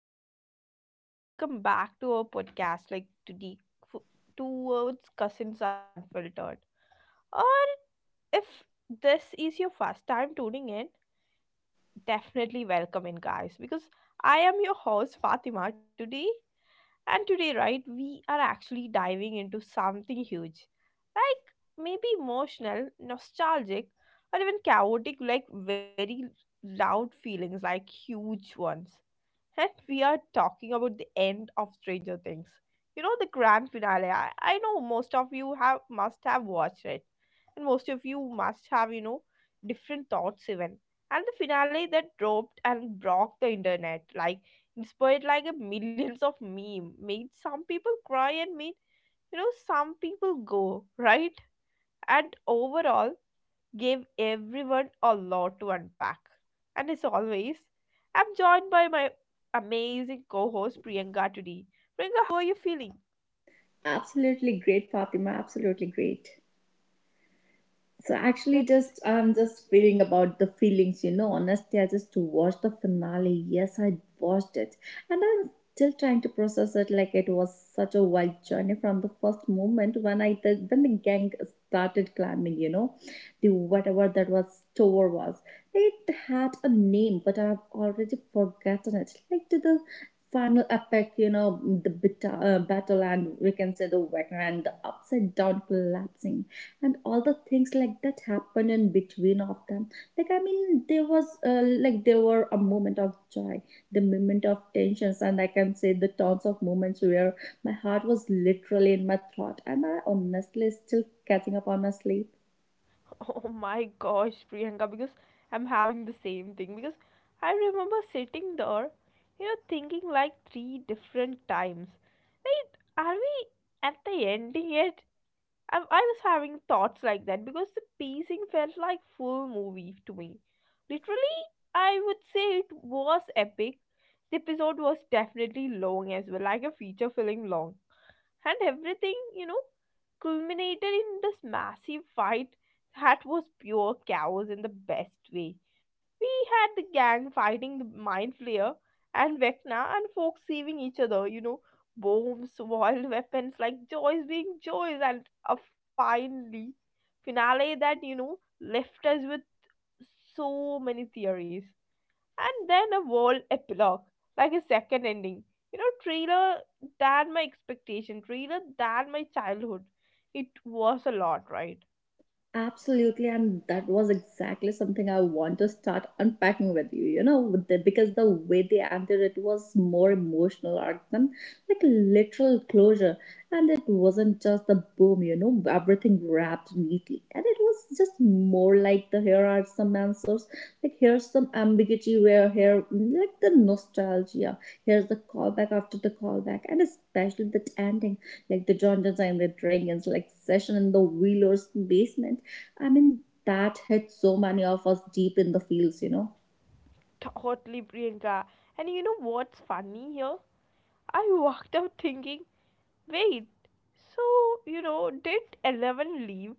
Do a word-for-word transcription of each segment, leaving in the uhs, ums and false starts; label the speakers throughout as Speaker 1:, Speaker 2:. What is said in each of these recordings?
Speaker 1: up? Like, Welcome back to our podcast, like today, f- towards Cousins Unfiltered. Or if this is your first time tuning in, definitely welcome in, guys, because I am your host, Fatima, today. And today, right, we are actually diving into something huge, like maybe emotional, nostalgic, or even chaotic, like very loud feelings, like huge ones. And we are talking about the end of Stranger Things. You know, the grand finale. I, I know most of you have must have watched it. And most of you must have, you know, different thoughts even. And the finale that dropped and broke the internet, like inspired like a millions of meme, made some people cry and made you know some people go, right? And overall gave everyone a lot to unpack. And as always, I'm joined by my amazing co host Priyanka today. Priyanka, how are you feeling?
Speaker 2: Absolutely great, Fatima. Absolutely great. So actually,
Speaker 1: That's
Speaker 2: just I'm just feeling about the feelings, you know. Honestly, I just watched the finale. Yes, I watched it, and I'm still trying to process it. Like it was such a wild journey from the first moment when I the, when the gang started climbing. You know, the whatever that was store was. It had a name, but I've already forgotten it. Like to the final epic, you know, the beta, uh, battle, and we can say the Wagner and the upside down collapsing and all the things like that happened in between of them, like I mean there was uh, like there were a moment of joy, the moment of tensions, and I can say the tons of moments where my heart was literally in my throat, and I honestly still catching up on my sleep.
Speaker 1: oh my gosh, Priyanka, because I'm having the same thing. Because I remember sitting there, you know, thinking like three different times. Wait, are we at the ending yet? I, I was having thoughts like that because the pacing felt like full movie to me. Literally, I would say it was epic. The episode was definitely long as well, like a feature film long, and everything, you know, culminated in this massive fight that was pure chaos in the best way. We had the gang fighting the mind flayer and vecna and folks saving each other, you know, bombs, wild weapons, like joys being joys, and a finally finale that, you know, left us with so many theories, and then a whole epilogue, like a second ending, you know, trailer than my expectation, trailer than my childhood. It was a lot, right?
Speaker 2: Absolutely, and that was exactly something I want to start unpacking with you. You know, with the, because the way they ended it was more emotional arc than like literal closure, and it wasn't just the boom. You know, everything wrapped neatly, and it was just more like the here are some answers, like here's some ambiguity where here like the nostalgia, here's the callback after the callback, and especially that ending like the Jauntons are in dragons, like Session in the Wheeler's basement. I mean, that hit so many of us deep in the feels, you know.
Speaker 1: Totally, Priyanka. And you know what's funny here, I walked out thinking, wait, so, you know, did eleven leave,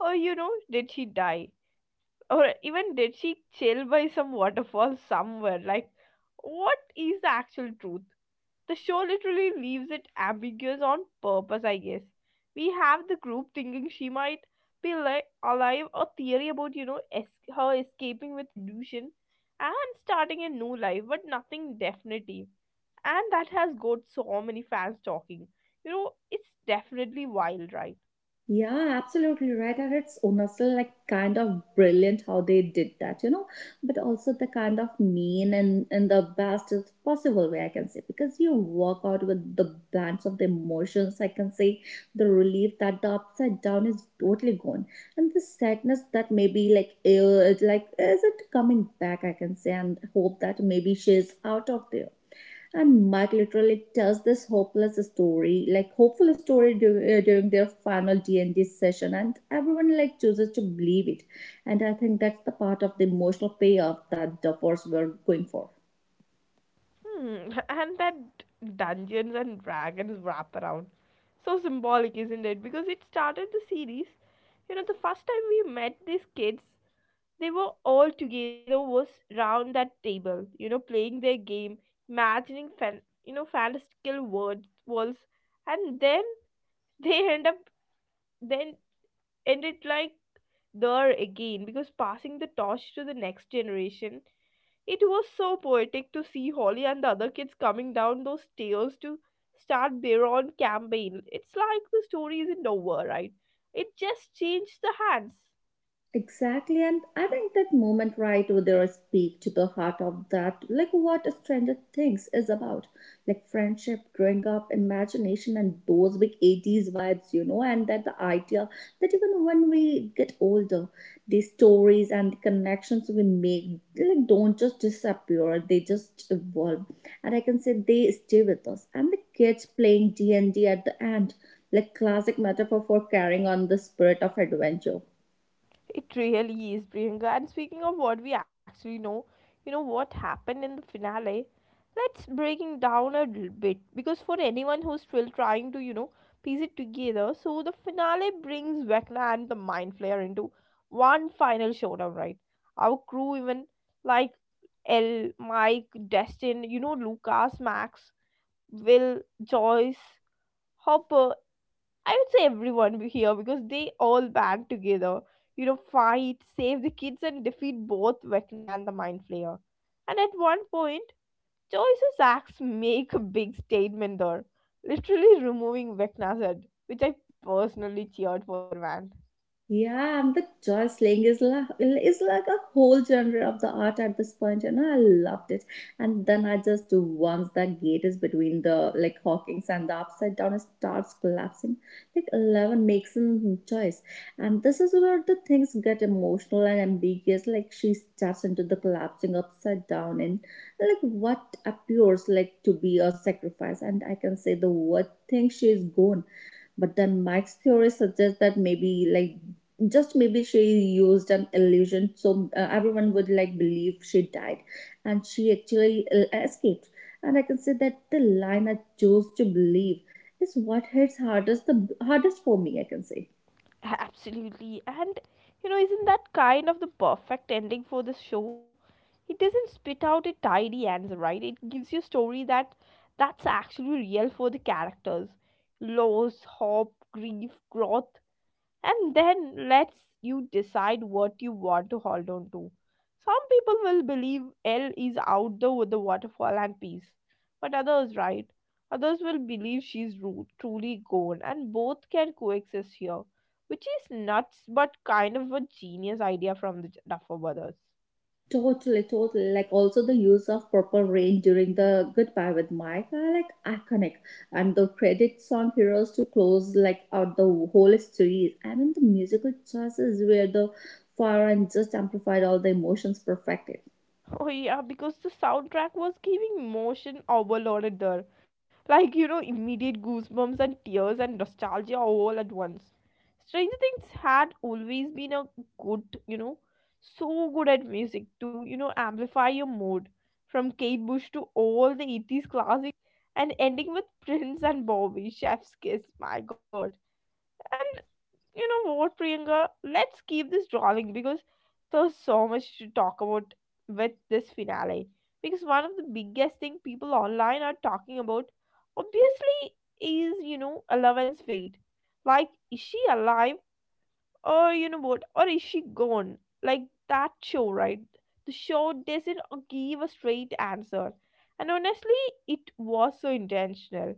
Speaker 1: or, you know, did she die, or even did she chill by some waterfall somewhere? Like, what is the actual truth? The show literally leaves it ambiguous on purpose, I guess. We have the group thinking she might be li- alive, a theory about, you know, es- her escaping with illusion and starting a new life, but nothing definitive. And that has got so many fans talking. You know, it's definitely wild, right?
Speaker 2: Yeah, absolutely right. And it's honestly like kind of brilliant how they did that, you know, but also the kind of mean and in the best is possible way, I can say, because you walk out with the bands of the emotions. I can say the relief that the upside down is totally gone, and the sadness that maybe like eh, like is it coming back? I can say, and hope that maybe she's out of there, and Mike literally tells this hopeless story, like hopeful story during, uh, during their final D and D session, and everyone like chooses to believe it. And I think that's the part of the emotional payoff that the force were going for.
Speaker 1: Hmm. And that Dungeons and Dragons wraparound. So symbolic, isn't it? Because it started the series. You know, the first time we met these kids, they were all together was round that table, you know, playing their game, imagining fan you know, fantastical words worlds, and then they end up then ended like there again, because passing the torch to the next generation. It was so poetic to see Holly and the other kids coming down those stairs to start their own campaign. It's like the story isn't over, right? It just changed the hands.
Speaker 2: Exactly, and I think that moment right over there speak to the heart of that, like what Stranger Things is about, like friendship, growing up, imagination, and those big eighties vibes, you know, and that the idea that even when we get older, the stories and the connections we make, they like don't just disappear; they just evolve, and I can say they stay with us. And the kids playing D and D at the end, like classic metaphor for carrying on the spirit of adventure.
Speaker 1: It really is, Priyanka. And speaking of what we actually know, you know what happened in the finale? Let's breaking down a little bit, because for anyone who's still trying to, you know, piece it together, so the finale brings Vecna and the Mind Flayer into one final showdown, right? Our crew, even like L, Mike, Destin, you know, Lucas, Max, Will, Joyce, Hopper, I would say everyone be here because they all band together, you know, fight, save the kids, and defeat both Vecna and the Mind Flayer. And at one point, Joyce's acts make a big statement there, literally removing Vecna's head, which I personally cheered for, man.
Speaker 2: Yeah, and the joy slaying is like, is like a whole genre of the art at this point. You know, I loved it. And then I just once that gate is between the like Hawkins and the upside down, it starts collapsing, like Eleven makes a choice, and this is where the things get emotional and ambiguous. Like she steps into the collapsing upside down and like what appears like to be a sacrifice, and I can say the word thing, she is gone. But then Mike's theory suggests that maybe, like, just maybe she used an illusion so uh, everyone would like believe she died, and she actually uh, escaped. And I can say that the line, I chose to believe, is what hits hardest the hardest for me, I can say.
Speaker 1: Absolutely. And you know, isn't that kind of the perfect ending for this show? It doesn't spit out a tidy answer, right? It gives you a story that that's actually real for the characters. Loss, hope, grief, growth, and then lets you decide what you want to hold on to. Some people will believe L is out there with the waterfall and peace, but others, right? Others will believe she's ru- truly gone, and both can coexist here, which is nuts but kind of a genius idea from the Duffer brothers.
Speaker 2: Totally, totally. Like also the use of Purple Rain during the Goodbye with Mike are like iconic. And the credit song heroes to close like out the whole series. I mean, the musical choices where the far and just amplified all the emotions perfectly.
Speaker 1: Oh yeah, because the soundtrack was giving emotion overloaded there. Like, you know, immediate goosebumps and tears and nostalgia all at once. Stranger Things had always been a good, you know, so good at music to, you know, amplify your mood. From Kate Bush to all the eighties classics, and ending with Prince and Bobby, Chef's Kiss, my god. You know what, Priyanka? Let's keep this rolling, because there's so much to talk about with this finale. Because one of the biggest thing people online are talking about, obviously, is, you know, Eleven's fate. Like, is she alive? Or you know what, or is she gone? Like, that show, right? The show doesn't uh, give a straight answer, and honestly it was so intentional.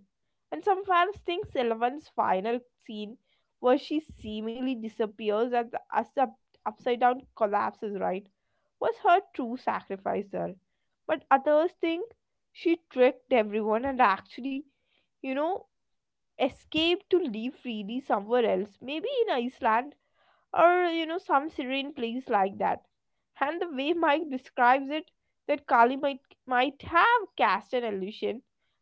Speaker 1: And some fans think sylvan's final scene, where she seemingly disappears as the, as the up- upside down collapses, right, was her true sacrifice there. But others think she tricked everyone and actually, you know, escaped to live freely somewhere else, maybe in iceland, or, you know, some serene place like that. And the way mike describes it, that kali might might have cast an illusion,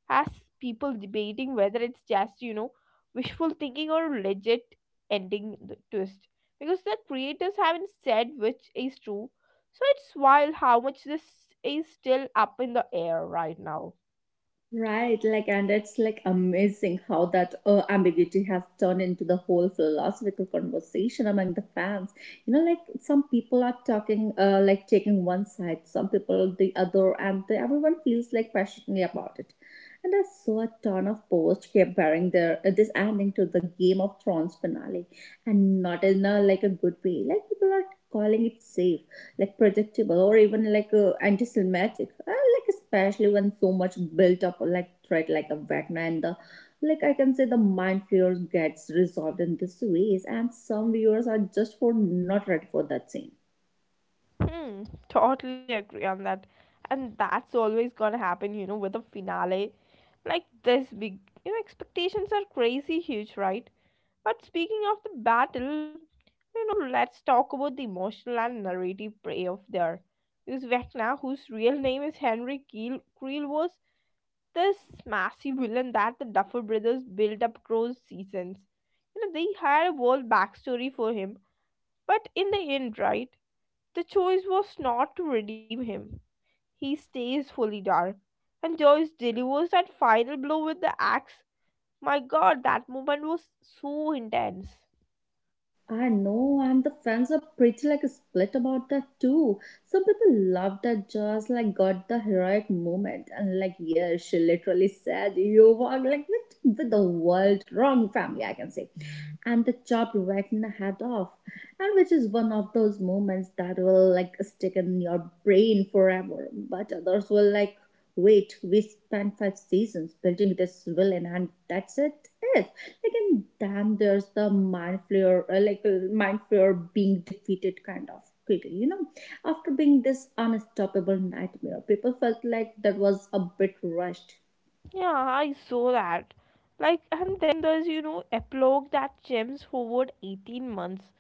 Speaker 1: has people debating whether it's just, you know, wishful thinking or legit ending the twist, because the creators haven't said which is true. So it's wild how much this is still up in the air right now.
Speaker 2: Right, like, and it's like amazing how that uh, ambiguity has turned into the whole philosophical conversation among the fans. You know, like some people are talking, uh, like taking one side, some people the other, and the, everyone feels like passionately about it. And I saw a ton of posts comparing their uh, this ending to the Game of Thrones finale, and not in a like a good way. Like people are calling it safe, like predictable, or even like uh, anti-Semitic. I like especially when so much built up like threat like a Wagner and the like, I can say, the mind fear gets resolved in this ways, and some viewers are just for not ready for that scene.
Speaker 1: Hmm. Totally agree on that. And that's always gonna happen, you know, with a finale like this big. You know, expectations are crazy huge, right? But speaking of the battle, you know, let's talk about the emotional and narrative payoff there. Because Vecna, whose real name is Henry Keel, Creel, was this massive villain that the Duffer brothers built up across seasons. You know, they had a whole backstory for him. But in the end, right, the choice was not to redeem him. He stays fully dark. And Joyce delivers that final blow with the axe, my god, that moment was so intense.
Speaker 2: I know, and the fans are pretty like split about that too. Some people love that just like got the heroic moment and like yeah, she literally said you were like with, with the world wrong family, I can say, and the chopped Wagner head off, and which is one of those moments that will like stick in your brain forever. But others will like wait, we spent five seasons building this villain, and that's it. It like and damn, there's the mind flayer, uh, like uh, mind flayer being defeated kind of quickly. You know, after being this unstoppable nightmare, people felt like that was a bit rushed.
Speaker 1: Yeah, I saw that. Like, and then there's, you know, epilogue that jumps forward eighteen months,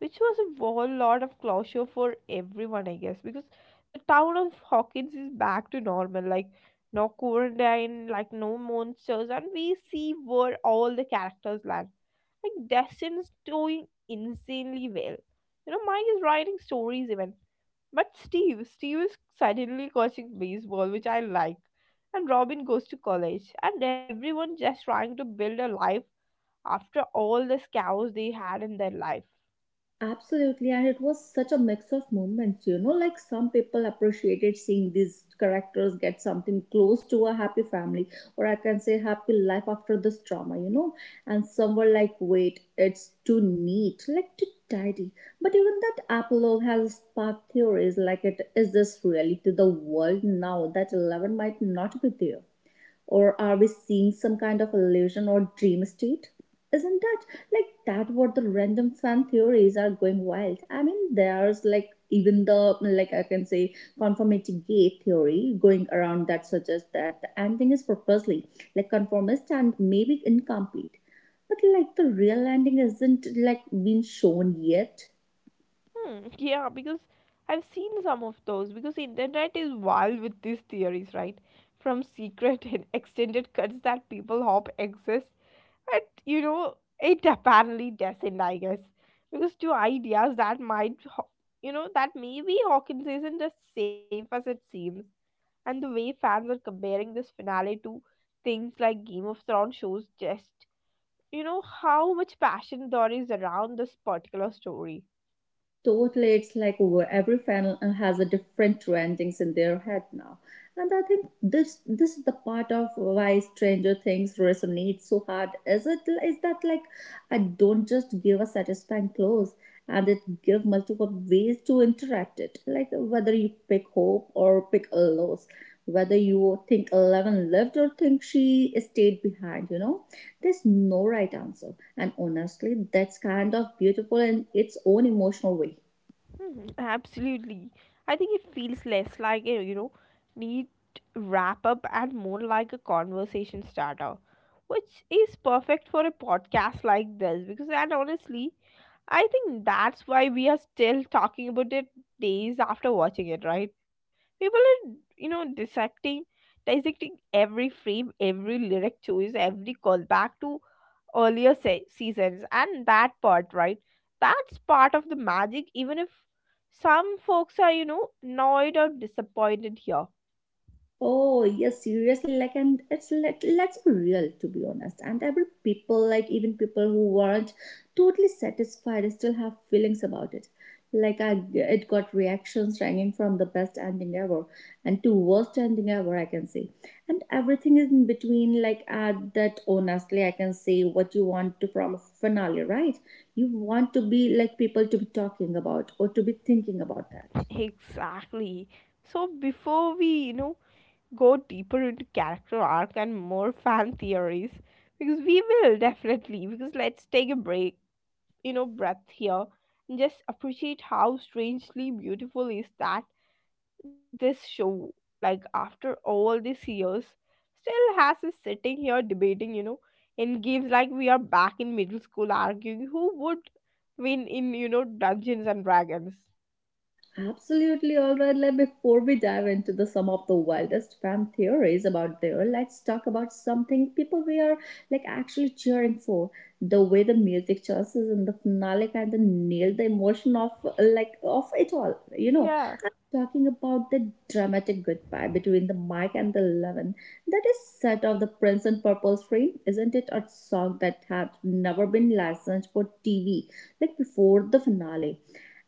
Speaker 1: which was a whole lot of closure for everyone, I guess, because the town of Hawkins is back to normal. Like, no quarantine, like, no monsters, and we see where all the characters land. Like, Destin's doing insanely well. You know, Mike is writing stories even. But Steve, Steve is suddenly coaching baseball, which I like. And Robin goes to college. And everyone just trying to build a life after all the scars they had in their life.
Speaker 2: Absolutely, and it was such a mix of moments, you know. Like some people appreciated seeing these characters get something close to a happy family, or I can say happy life after this trauma, you know. And some were like, wait, it's too neat, like too tidy. But even that epilogue has sparked theories like, it is this reality to the world now that eleven might not be there? Or are we seeing some kind of illusion or dream state? Isn't that like that what the random fan theories are going wild? I mean, there's like even the like, I can say, conformity gate theory going around that suggests that the ending is purposely like conformist and maybe incomplete. But like the real ending isn't like been shown yet.
Speaker 1: Hmm, yeah, because I've seen some of those. Because internet is wild with these theories, right? From secret and extended cuts that people hope exist. But, you know, it apparently doesn't, I guess. Because two ideas that might, ho- you know, that maybe Hawkins isn't as safe as it seems. And the way fans are comparing this finale to things like Game of Thrones shows just, you know, how much passion there is around this particular story.
Speaker 2: Totally, it's like where every fan has a different two endings in their head now. And I think this this is the part of why Stranger Things resonates so hard. Is it is that like I don't just give a satisfying close, and it give multiple ways to interact it. Like whether you pick hope or pick a loss, whether you think Eleven lived or think she stayed behind, you know. There's no right answer. And honestly, that's kind of beautiful in its own emotional way.
Speaker 1: Hmm, absolutely. I think it feels less like a, you know, neat wrap up and more like a conversation starter, which is perfect for a podcast like this, because, and honestly, I think that's why we are still talking about it days after watching it, right? People are, you know, dissecting, dissecting every frame, every lyric choice, every callback to earlier se- seasons, and that part, right? That's part of the magic, even if some folks are, you know, annoyed or disappointed here.
Speaker 2: Oh yes, seriously. Like, and it's let let's be real, to be honest. And every people, like even people who weren't totally satisfied, still have feelings about it. Like I, it got reactions ranging from the best ending ever and to worst ending ever, I can say, and everything is in between. Like at that, honestly, I can say what you want to from a finale, right? You want to be like people to be talking about or to be thinking about that.
Speaker 1: Exactly. So before we, you know, go deeper into character arc and more fan theories, because we will definitely, because let's take a break, you know, breath here, and just appreciate how strangely beautiful is that this show, like after all these years, still has us sitting here debating, you know, in games, like we are back in middle school arguing who would win in, you know, dungeons and dragons.
Speaker 2: Absolutely. All right. Let before we dive into the some of the wildest fan theories about there, let's talk about something people we are like actually cheering for. The way the music choices and the finale kind of nail the emotion of like of it all. You know,
Speaker 1: Yeah.
Speaker 2: I'm talking about the dramatic goodbye between the Mike and the Eleven. That is set of the Prince and Purple frame, isn't it? A song that had never been licensed for T V like before the finale,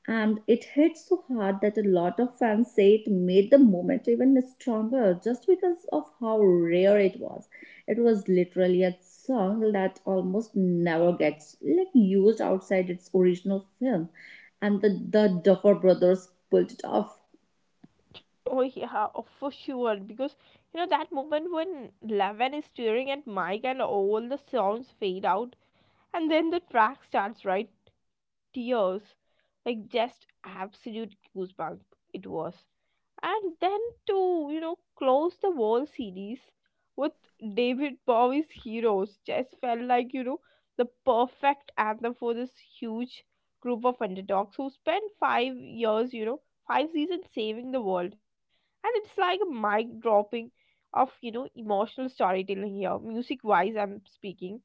Speaker 2: and it hit so hard that a lot of fans say it made the moment even stronger just because of how rare it was. It was literally a song that almost never gets like used outside its original film, and the, the Duffer Brothers pulled it off.
Speaker 1: Oh yeah, oh, for sure. Because you know that moment when Levin is staring at Mike and all the sounds fade out, and then the track starts, right? Tears, like just absolute goosebump. It was. And then to, you know, close the whole series with david bowie's heroes just felt like, you know, the perfect anthem for this huge group of underdogs who spent five years, you know, five seasons saving the world. And it's like a mic dropping of, you know, emotional storytelling here, music wise I'm speaking.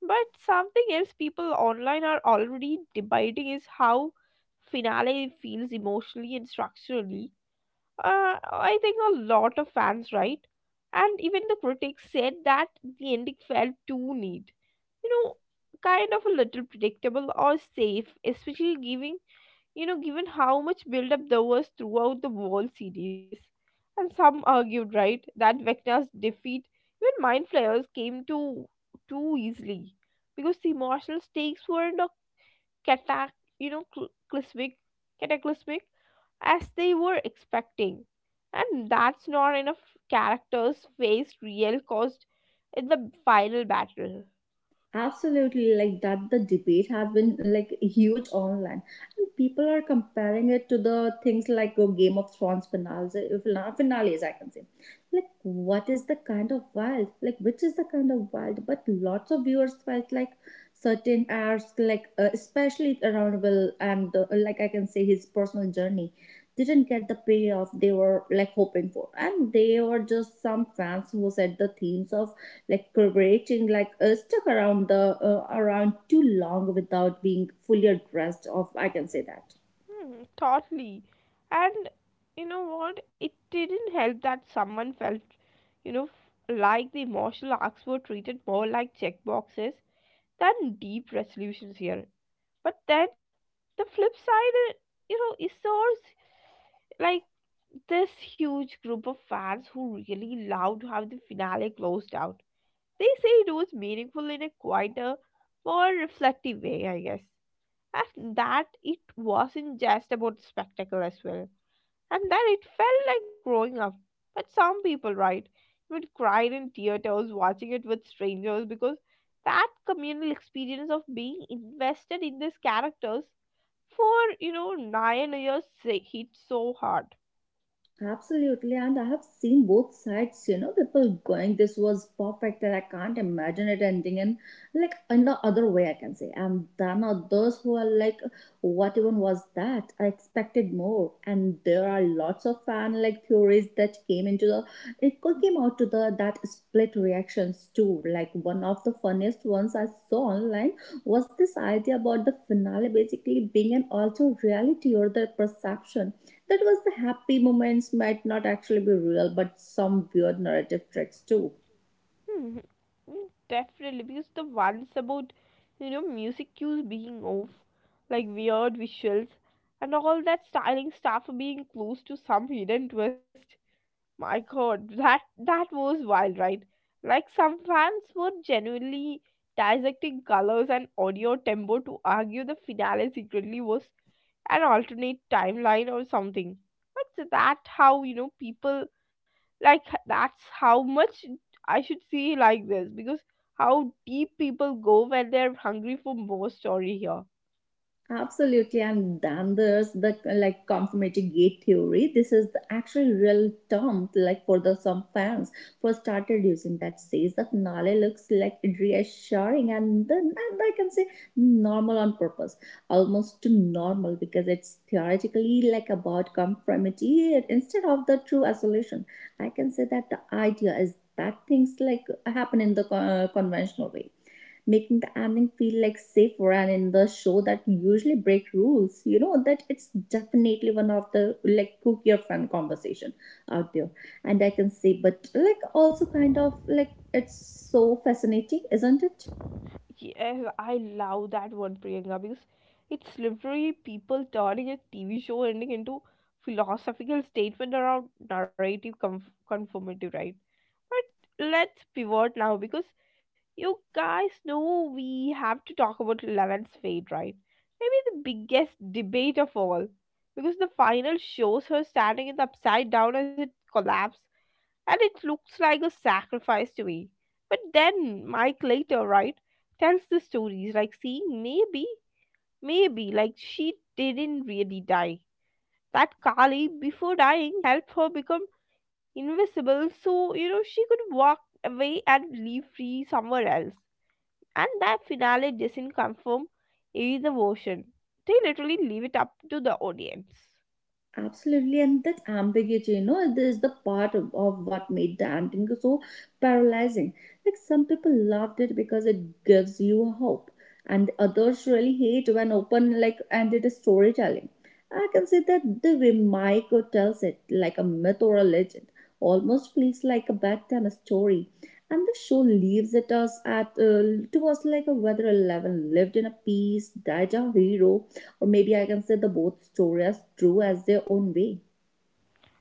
Speaker 1: But something else people online are already debating is how finale feels emotionally and structurally. uh, I think a lot of fans, right? And even the critics said that the ending felt too neat. You know, kind of a little predictable or safe, especially giving, you know, given how much build up there was throughout the whole series. And some argued, right, that Vecna's defeat, even Mind Flayers came too too easily. Because the emotional stakes weren't cata- you know, cl- cataclysmic, cataclysmic as they were expecting. And that's not enough characters faced real cost in the final battle.
Speaker 2: Absolutely, like that, the debate has been like huge online, and people are comparing it to the things like uh, Game of Thrones finales, uh, fina- finales. I can say. Like, what is the kind of wild? Like, which is the kind of wild? But lots of viewers felt like certain hours like uh, especially around will and uh, like, I can say, his personal journey didn't get the payoff they were like hoping for, and they were just some fans who said the themes of like collaborating like uh, stuck around the uh, around too long without being fully addressed of, I can say that.
Speaker 1: Hmm, totally. And you know what? It didn't help that someone felt, you know, f- like the emotional arcs were treated more like checkboxes than deep resolutions here. But then the flip side, uh, you know, is ours. Like this huge group of fans who really loved how the finale closed out. They say it was meaningful in a quieter, more reflective way, I guess. And that it wasn't just about the spectacle as well. And that it felt like growing up. But some people, right, even cried in theaters watching it with strangers because that communal experience of being invested in these characters for, you know, nine years hit so hard.
Speaker 2: Absolutely, and I have seen both sides, you know, people going, this was perfect and I can't imagine it ending in like in the other way, I can say. And then are those who are like, what even was that? I expected more. And there are lots of fan like theories that came into the it co- came out to the that split reactions too. Like one of the funniest ones I saw online was this idea about the finale basically being an altered reality or the perception that was the happy moments might not actually be real but some weird narrative tricks too.
Speaker 1: Hmm. Definitely, because the ones about you know music cues being off, like weird visuals, and all that styling stuff being close to some hidden twist. My God, that that was wild, right? Like some fans were genuinely dissecting colors and audio tempo to argue the finale secretly was an alternate timeline or something. But that's how you know people, like that's how much I should see like this because how deep people go when they're hungry for more story here.
Speaker 2: Absolutely, and then there's the like conformity gate theory. This is the actual real term, like for the some fans first started using that says the finale looks like reassuring and then and I can say normal on purpose, almost to normal because it's theoretically like about conformity instead of the true isolation. I can say that the idea is that things like happen in the co- uh, conventional way making the ending feel like safer and in the show that usually break rules, you know that it's definitely one of the like cook your fun conversation out there. And I can say but like also kind of like it's so fascinating, isn't it?
Speaker 1: Yes, I love that one, Priyanka, because it's literally people turning a TV show ending into philosophical statement around narrative conf- conformity, right? But let's pivot now because you guys know we have to talk about Eleven's fate, right? Maybe the biggest debate of all. Because the final shows her standing in the upside down as it collapses, and it looks like a sacrifice to me. But then Mike later, right, tells the stories like, see, maybe, maybe, like she didn't really die, that Kali, before dying, helped her become invisible so, you know, she could walk away and leave free somewhere else. And that finale doesn't confirm either version. They literally leave it up to the audience.
Speaker 2: Absolutely, and that ambiguity, you know, it is the part of, of what made the ending so paralyzing. Like some people loved it because it gives you hope, and others really hate when open like ended storytelling. I can say that the way Mike tells it, like a myth or a legend, almost feels like a bedtime story. And the show leaves it us at uh, to us like a whether Eleven lived in a peace, died a hero, or maybe I can say the both story as true as their own way.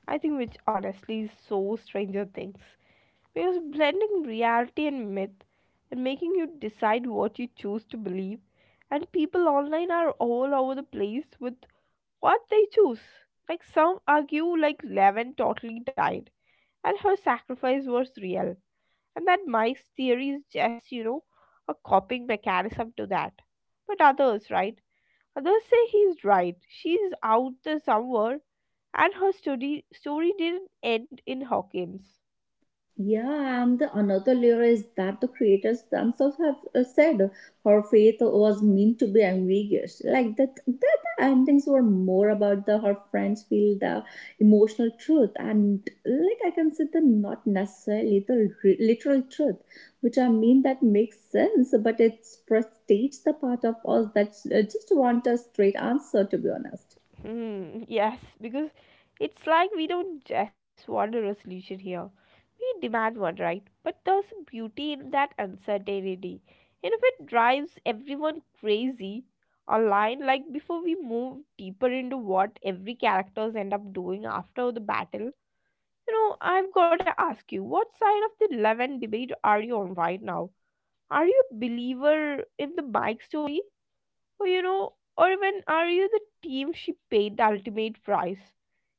Speaker 1: I think which honestly is so Stranger Things. Because blending reality and myth and making you decide what you choose to believe, and people online are all over the place with what they choose. Like some argue like Levin totally died and her sacrifice was real. And that Mike's theory is just, you know, a coping mechanism to that. But others, right? Others say he's right. She's out there somewhere and her story story didn't end in Hawkins.
Speaker 2: Yeah, and the another layer is that the creators themselves have uh, said her faith was meant to be ambiguous. Like that, that the endings were more about the her friends feel the emotional truth, and like I can say the not necessarily the re- literal truth, which I mean that makes sense, but it prestates the part of us that uh, just want a straight answer. To be honest,
Speaker 1: Hmm, yes, because it's like we don't just want a resolution here. We demand one, right? But there's a beauty in that uncertainty. And if it drives everyone crazy online, like before we move deeper into what every characters end up doing after the battle, you know, I've got to ask you, what side of the love and debate are you on right now? Are you a believer in the Mike story? Or, you know, or even are you the team she paid the ultimate price?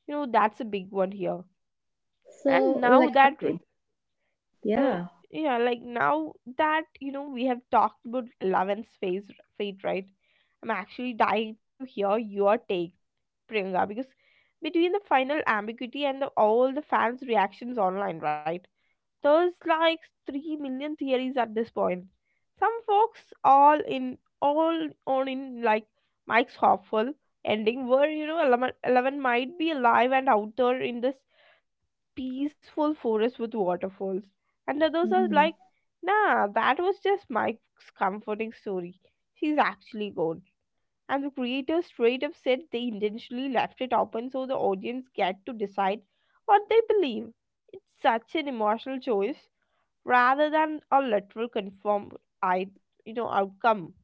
Speaker 1: You know, that's a big one here. And
Speaker 2: so
Speaker 1: now
Speaker 2: like
Speaker 1: that re-
Speaker 2: okay,
Speaker 1: uh,
Speaker 2: yeah.
Speaker 1: yeah, like now that you know we have talked about eleven's face fate, right, I'm actually dying to hear your take, Priyanka, because between the final ambiguity and the, all the fans reactions online, right, there's like three million theories at this point. Some folks all in all on in like Mike's hopeful ending where you know eleven eleven might be alive and out there in this peaceful forest with waterfalls. And others are
Speaker 2: Mhm.
Speaker 1: like, nah, that was just Mike's comforting story. She's actually gone. And the creators straight up said they intentionally left it open so the audience get to decide what they believe. It's such an emotional choice rather than a literal conform I you know outcome.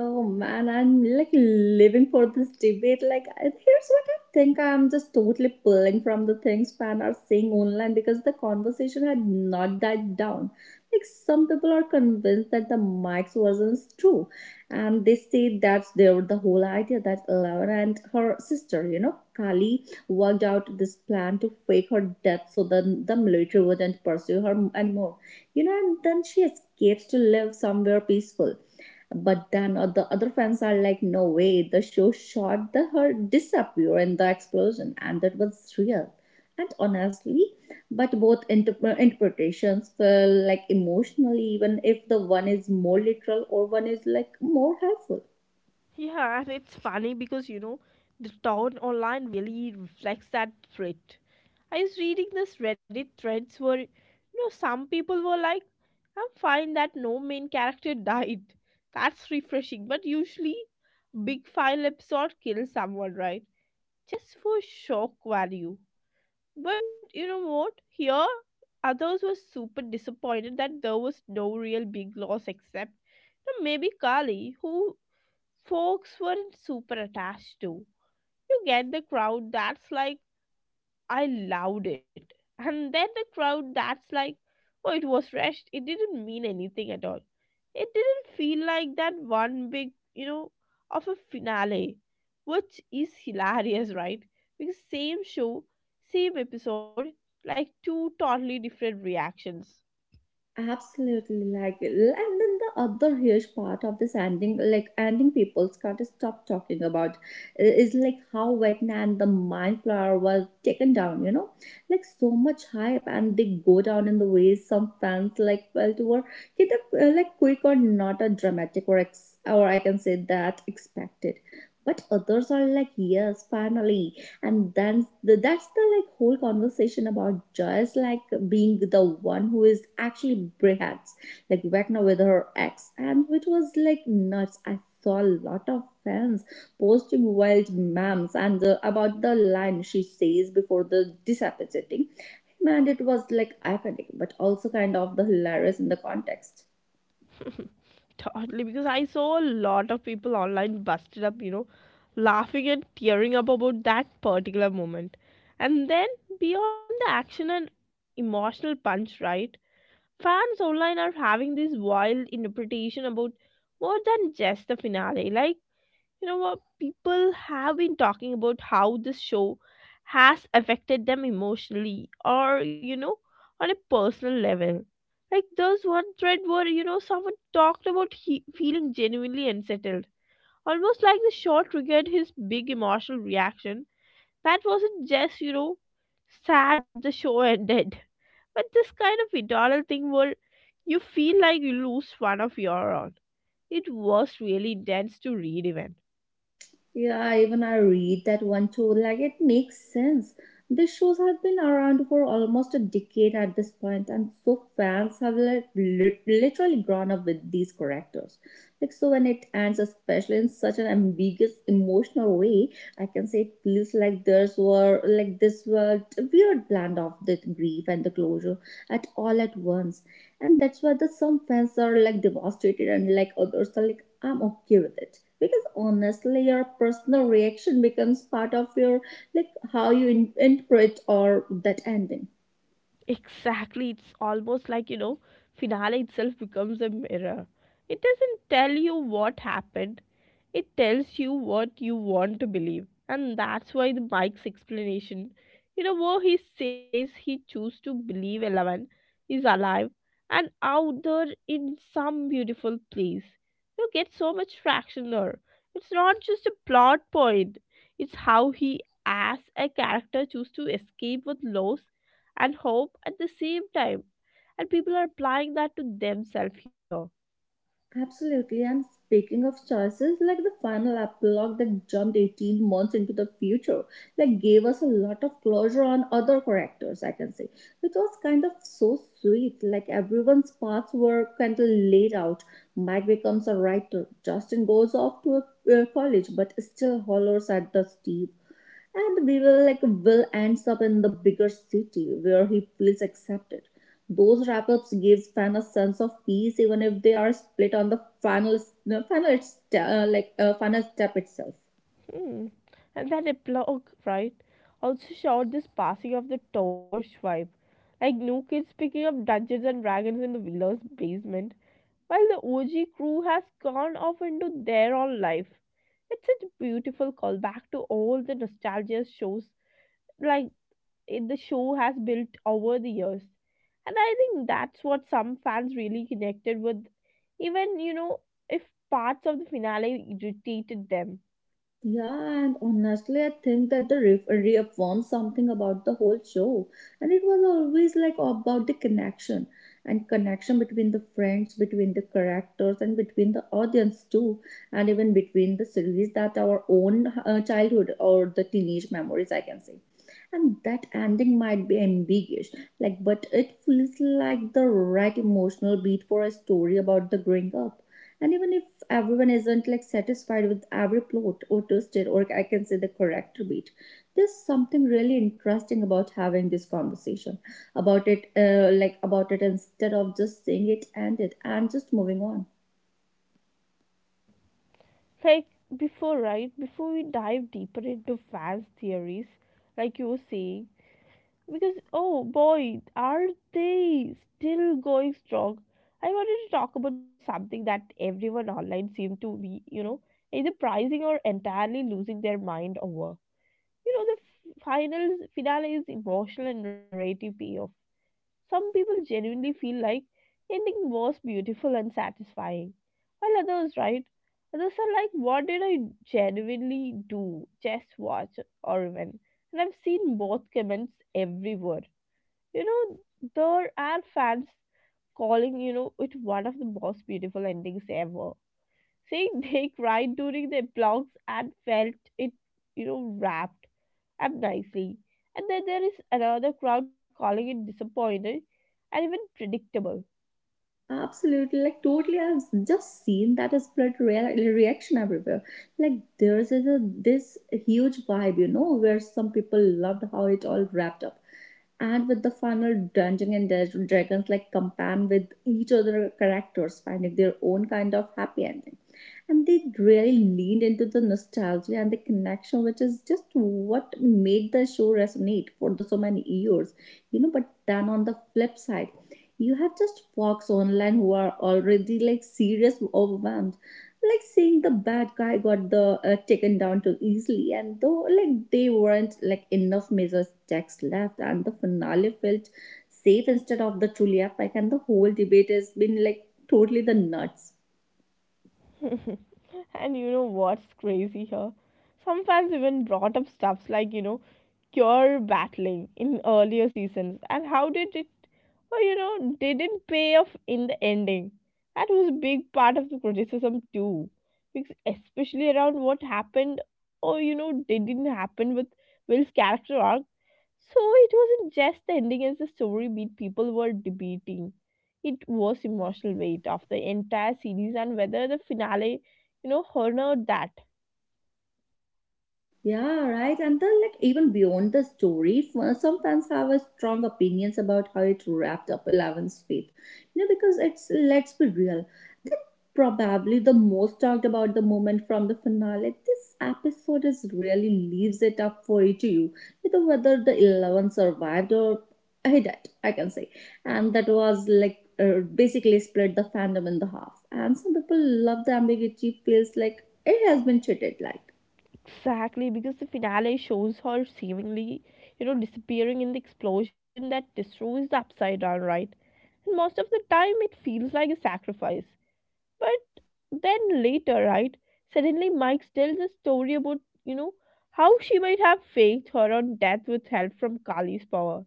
Speaker 2: Oh man, I'm like living for this debate. Like, I- here's what I think. I'm just totally pulling from the things fans are saying online because the conversation had not died down. Like, some people are convinced that the Mike's version is true, and they say that's their the whole idea that Eleven and her sister, you know, Kali, worked out this plan to fake her death so that the military wouldn't pursue her anymore. You know, and then she escapes to live somewhere peaceful. But then uh, the other fans are like, no way, the show shot the her disappear in the explosion, and that was real. And honestly, but both inter- uh, interpretations feel like emotionally, even if the one is more literal or one is like more helpful.
Speaker 1: Yeah, and it's funny because you know the tone online really reflects that threat. I was reading this Reddit threads where you know some people were like, "I'm fine that no main character died. That's refreshing." But usually, big file episode kills someone, right? Just for shock value. But you know what? Here, others were super disappointed that there was no real big loss except you know, maybe Kali, who folks weren't super attached to. You get the crowd that's like, I loved it. And then the crowd that's like, oh, it was rushed. It didn't mean anything at all. It didn't feel like that one big, you know, of a finale, which is hilarious, right? Because same show, same episode, like two totally different reactions.
Speaker 2: Absolutely, like, and then the other huge part of this ending, like ending, people can't stop talking about is like how Vecna and the Mind Flower was taken down. You know, like so much hype, and they go down in the ways some fans like felt were either uh, like quick or not a dramatic or ex- or I can say that expected, but others are like yes, finally. And then the, that's the like whole conversation about Joyce like being the one who is actually breaths like Vecna with her ex, and which was like nuts. I saw a lot of fans posting wild memes and uh, about the line she says before the disappetiting. Man, it was like iconic but also kind of the hilarious in the context.
Speaker 1: Totally, because I saw a lot of people online busted up, you know, laughing and tearing up about that particular moment. And then beyond the action and emotional punch, right? Fans online are having this wild interpretation about more than just the finale. Like you know what people have been talking about how this show has affected them emotionally or you know on a personal level, like there's one thread where you know someone talked about he- feeling genuinely unsettled, almost like the show triggered his big emotional reaction that wasn't just you know sad the show ended, but this kind of internal thing where you feel like you lose one of your own. It was really intense to read even.
Speaker 2: Yeah, even I read that one too. Like, it makes sense. These shows have been around for almost a decade at this point, and so fans have like, lit- literally grown up with these characters. Like, so when it ends, especially in such an ambiguous, emotional way, I can say it feels like there's were like this were a weird blend of the grief and the closure at all at once, and that's why the some fans are like devastated, and like others are like, I'm okay with it because honestly your personal reaction becomes part of your like how you in- interpret or that ending.
Speaker 1: Exactly, it's almost like you know, finale itself becomes a mirror. It doesn't tell you what happened, it tells you what you want to believe. And that's why the Mike's explanation, you know, where he says he chose to believe Eleven is alive and out there in some beautiful place. You get so much traction there. It's not just a plot point, it's how he, as a character, chooses to escape with loss and hope at the same time. And people are applying that to themselves here.
Speaker 2: Absolutely, and speaking of choices like the final epilogue that jumped eighteen months into the future, like gave us a lot of closure on other characters, I can say, which was kind of so sweet. Like everyone's paths were kind of laid out. Mike becomes a writer, Justin goes off to a, a college but still hollers at the Steve, and we will like will ends up in the bigger city where he feels accepted. Those wrap-ups gives fans a sense of peace even if they are split on the final final. It's, uh, like uh, final step itself.
Speaker 1: Hmm. And that epilogue, right, also showed this passing of the torch vibe. Like new kids picking up Dungeons and Dragons in the Wheeler's basement, while the O G crew has gone off into their own life. It's such a beautiful callback to all the nostalgia shows like it, the show has built over the years. And I think that's what some fans really connected with, even, you know, if parts of the finale irritated them.
Speaker 2: Yeah, and honestly, I think that the riff reaffirms something about the whole show. And it was always like about the connection and connection between the friends, between the characters, and between the audience too, and even between the series that our own uh, childhood or the teenage memories, I can say. And that ending might be ambiguous like but it feels like the right emotional beat for a story about the growing up. And even if everyone isn't like satisfied with every plot or twisted, or I can say the character beat, there's something really interesting about having this conversation about it uh, like about it instead of just saying it ended and just moving on.
Speaker 1: Like before, right? Before we dive deeper into fans' theories, like you were saying, because oh boy, are they still going strong? I wanted to talk about something that everyone online seemed to be, you know, either prizing or entirely losing their mind over. You know, the f- finals finale is emotional and narrative payoff. Some people genuinely feel like ending was beautiful and satisfying, while others, right? Others are like, what did I genuinely do? Just watch or even. And I've seen both comments everywhere. You know, there are fans calling, you know, it one of the most beautiful endings ever. Saying they cried during the blogs and felt it, you know, wrapped up nicely, and then there is another crowd calling it disappointed and even predictable.
Speaker 2: Absolutely, like totally. I've just seen that is blood rea- reaction everywhere. Like there's a, this huge vibe, you know, where some people loved how it all wrapped up, and with the final Dungeons and Dra- Dragons like companion with each other characters finding their own kind of happy ending, and they really leaned into the nostalgia and the connection, which is just what made the show resonate for the so many years. You know, but then on the flip side you have just folks online who are already like serious overwhelmed, like seeing the bad guy got the uh, taken down too easily, and though like they weren't like enough major stakes left and the finale felt safe instead of the truly epic. And the whole debate has been like totally the nuts.
Speaker 1: and you know what's crazy here? Some fans even brought up stuffs like, you know, cure battling in earlier seasons and how did it, oh, you know, didn't pay off in the ending. That was a big part of the criticism too. Because especially around what happened or, you know, didn't happen with Will's character arc, so it wasn't just the ending as the story beat people were debating. It was emotional weight of the entire series and whether the finale, you know, honored that.
Speaker 2: Yeah, right. And then, like, even beyond the story, f- uh, some fans have a strong opinions about how it wrapped up Eleven's fate. You know, because it's let's be real, that probably the most talked about the moment from the finale. This episode is really leaves it up for you to you, you know, whether the Eleven survived or he died, I can say, and that was like. Uh, basically split the fandom in the half, and some people love the ambiguity feels like it has been treated like.
Speaker 1: Exactly, because the finale shows her seemingly, you know, disappearing in the explosion that destroys the upside down, right? And most of the time it feels like a sacrifice. But then later, right, suddenly Mike tells a story about, you know, how she might have faked her own death with help from Kali's power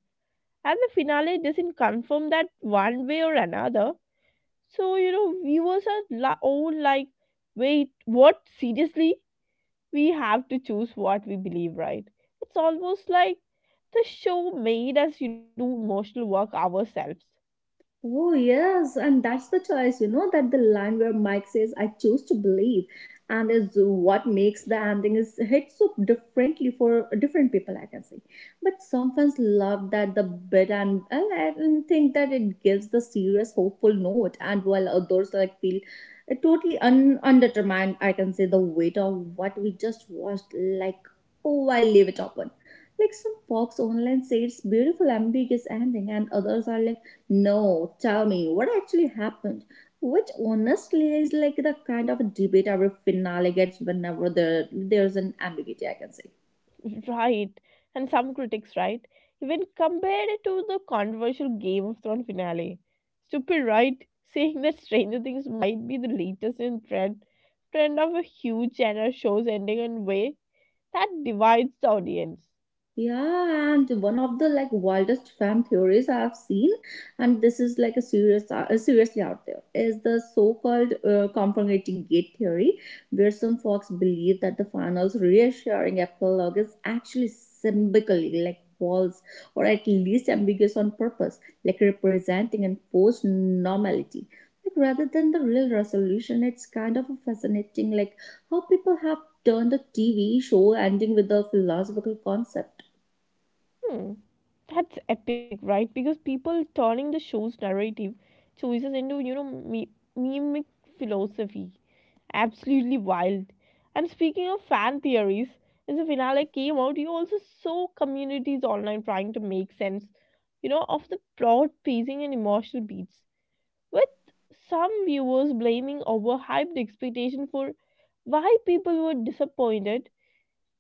Speaker 1: and the finale doesn't confirm that one way or another. So you know, viewers are la- all like, "Wait, what? Seriously? We have to choose what we believe, right?" It's almost like the show made us you do emotional work ourselves.
Speaker 2: Oh, yes, and that's the choice, you know, that the line where Mike says, I choose to believe, and is what makes the ending is hit so differently for different people, I can say. But some fans love that the bit, and, and I think that it gives the serious, hopeful note, and while others like feel it totally un- undetermined, I can say the weight of what we just watched like. Oh, I leave it open. Like some folks online say it's beautiful ambiguous ending, and others are like, no, tell me what actually happened, which honestly is like the kind of debate every finale gets whenever there there's an ambiguity, I can say.
Speaker 1: Right? And some critics, right, even compared it to the controversial Game of Thrones finale. Stupid, right? Saying that Stranger Things might be the latest in trend trend of a huge genre shows ending in way that divides the audience.
Speaker 2: Yeah, and one of the like wildest fan theories I have seen, and this is like a serious, uh, seriously out there, is the so-called uh, confronting gate theory, where some folks believe that the final's reassuring epilogue is actually symbolically like false or at least ambiguous on purpose, like representing enforced normality. Like rather than the real resolution, it's kind of a fascinating like how people have turned the T V show ending with a philosophical concept.
Speaker 1: Hmm. That's epic, right? Because people turning the show's narrative choices into, you know, me- mimic philosophy. Absolutely wild. And speaking of fan theories, as the finale came out, you also saw communities online trying to make sense, you know, of the plot, pacing, and emotional beats. With some viewers blaming overhyped expectation for why people were disappointed,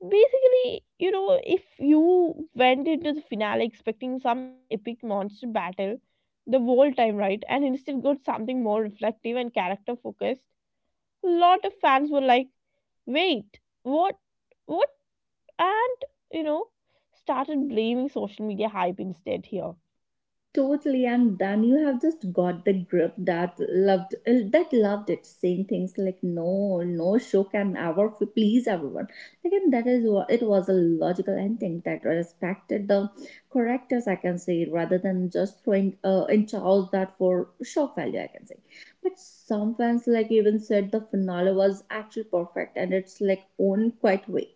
Speaker 1: basically, you know, if you went into the finale expecting some epic monster battle the whole time, right, and instead got something more reflective and character focused, a lot of fans were like, wait, what? What? And, you know, started blaming social media hype instead here.
Speaker 2: Totally, and then you have just got the group that loved uh, that loved it, saying things like "No, no show can ever f- please everyone." Again, that is what it was a logical ending that respected the characters, I can say, rather than just throwing uh, in Charles that for shock value, I can say, but some fans like even said the finale was actually perfect and it's like own quite way.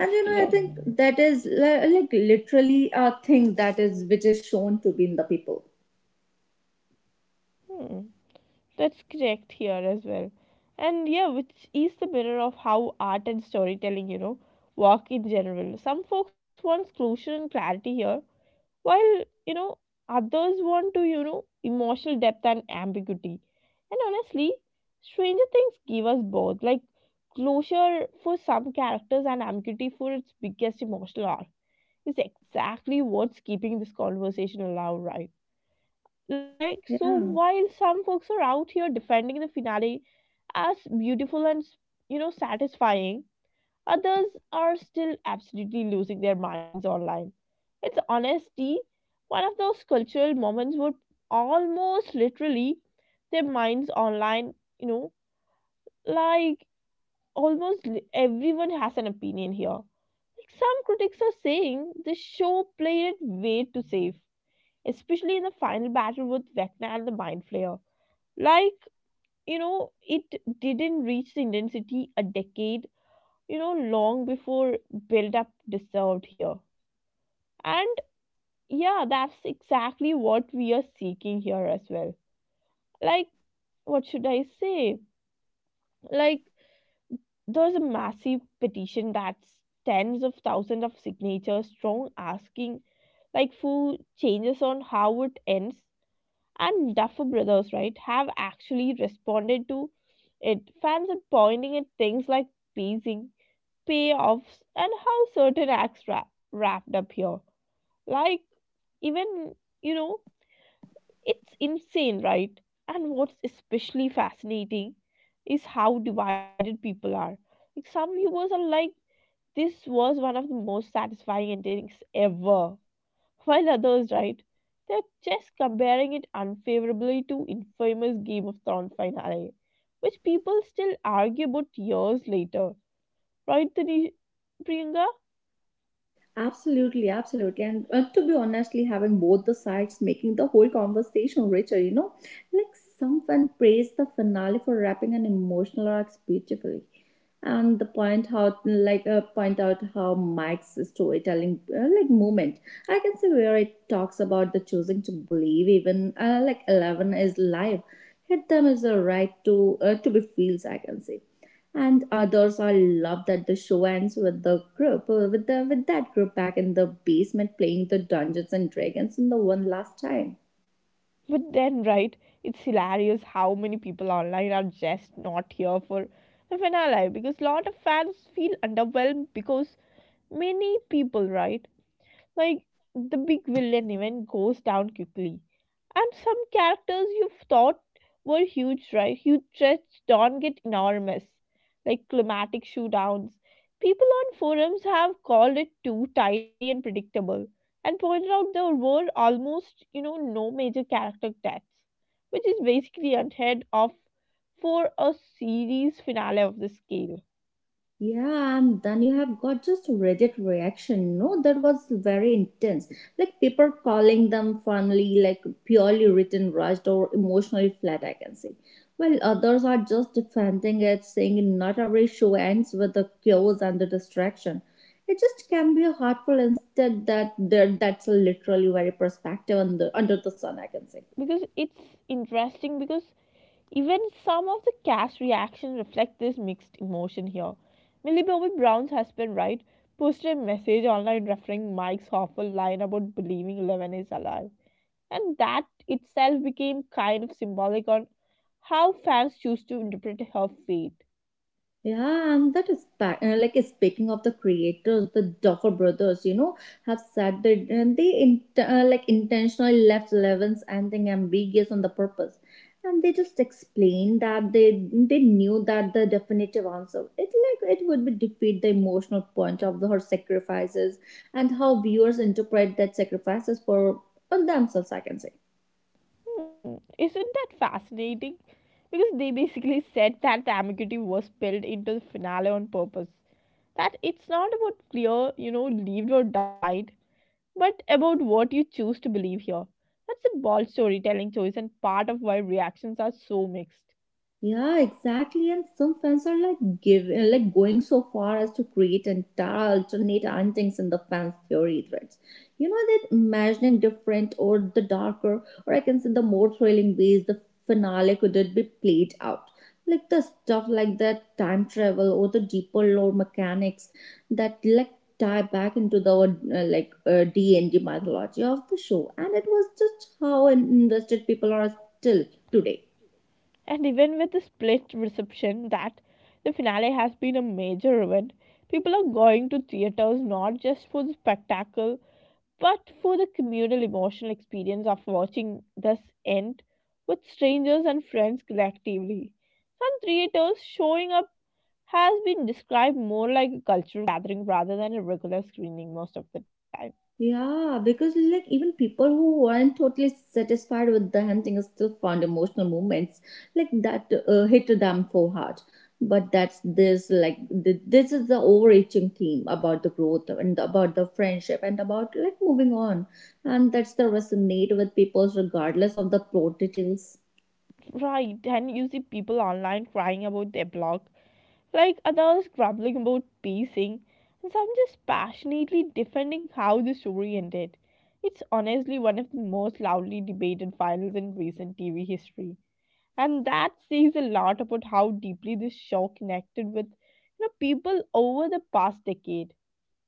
Speaker 2: And you know I
Speaker 1: correct.
Speaker 2: think that is li- like literally a thing that is which is shown to be in the people.
Speaker 1: Hmm. That's correct here as well. And yeah, which is the mirror of how art and storytelling, you know, work in general. Some folks want closure and clarity here, while, you know, others want to, you know, emotional depth and ambiguity. And honestly, Stranger Things give us both, like closure for some characters and ambiguity for its biggest emotional arc is exactly what's keeping this conversation alive, right? Like, so
Speaker 2: Yeah.
Speaker 1: while some folks are out here defending the finale as beautiful and you know satisfying, others are still absolutely losing their minds online. It's honesty one of those cultural moments where almost literally their minds online, you know like almost li- everyone has an opinion here. Like, some critics are saying the show played it way too safe, especially in the final battle with Vecna and the Mind Flayer. Like, you know it didn't reach the intensity a decade, you know, long before build-up deserved here. And yeah, that's exactly what we are seeking here as well. Like, what should I say? Like, there's a massive petition that's tens of thousands of signatures strong asking like for changes on how it ends. And Duffer Brothers, right, have actually responded to it. Fans are pointing at things like pacing, payoffs, and how certain acts wrap, wrapped up here. Like, even, you know, it's insane, right? And what's especially fascinating is how divided people are. Like, some viewers are like, this was one of the most satisfying endings ever. While others, right, they're just comparing it unfavorably to infamous Game of Thrones finale, which people still argue about years later. Right, Tani- Priyanka?
Speaker 2: Absolutely, absolutely. And uh, to be honestly, having both the sides making the whole conversation richer, you know, like someone praised the finale for wrapping an emotional arc beautifully. And the point out, like, uh, point out how Mike's storytelling, uh, like, moment. I can see where it talks about the choosing to believe, even uh, like Eleven is live. Hit them is the right to uh, to be feels, I can say. And others I love that the show ends with the group uh, with the with that group back in the basement playing the Dungeons and Dragons in the one last time.
Speaker 1: But then, right, it's hilarious how many people online are just not here for the finale, because lot of fans feel underwhelmed because many people, right, like, the big villain even goes down quickly. And some characters you thought were huge, right? Huge threats don't get enormous, like climatic shootdowns. People on forums have called it too tidy and predictable, and pointed out there were almost, you know, no major character deaths, which is basically unheard of for a series finale of this scale.
Speaker 2: Yeah, and then you have got just Reddit reaction. No, that was very intense. Like people calling them funny, like purely written, rushed, or emotionally flat, I can say. While others are just defending it, saying not every show ends with the chaos and the distraction. It just can be hurtful instead that there that's literally very perspective under under the sun, I can say.
Speaker 1: Because it's interesting because even some of the cast reactions reflect this mixed emotion here. Millie Bobby Brown's husband, right, posted a message online referring Mike's awful line about believing Levin is alive. And that itself became kind of symbolic on how fans choose to interpret her fate.
Speaker 2: Yeah, and that is pa- uh, like speaking of the creators, the Duffer Brothers, you know, have said that and they in- uh, like intentionally left Levin's ending ambiguous on the purpose, and they just explained that they they knew that the definitive answer it like it would be defeat the emotional point of the, her sacrifices and how viewers interpret that sacrifices for, for themselves. I can say.
Speaker 1: Hmm, isn't that fascinating? Because they basically said that the ambiguity was built into the finale on purpose. That it's not about clear, you know, lived or died, but about what you choose to believe here. That's a bold storytelling choice and part of why reactions are so mixed.
Speaker 2: Yeah, exactly. And some fans are like giving, like going so far as to create entire alternate endings in the fans' theory threads. You know that imagining different or the darker, or I can say the more thrilling ways the finale could it be played out. Like the stuff like that time travel or the deeper lore mechanics that like tie back into the uh, like uh, D and D mythology of the show. And it was just how invested people are still today.
Speaker 1: And even with the split reception that the finale has been a major event, people are going to theaters not just for the spectacle but for the communal emotional experience of watching this end with strangers and friends collectively. Some theaters showing up has been described more like a cultural gathering rather than a regular screening most of the time.
Speaker 2: Yeah, because like even people who weren't totally satisfied with the hunting still found emotional moments like that uh, hit them for hard. But that's this like th- this is the overreaching theme about the growth and about the friendship and about like moving on, and that's the resonate with people regardless of the plot details.
Speaker 1: Right, and you see people online crying about their blog, like others grumbling about pacing, and some just passionately defending how the story ended. It's honestly one of the most loudly debated finals in recent T V history. And that says a lot about how deeply this show connected with you know people over the past decade.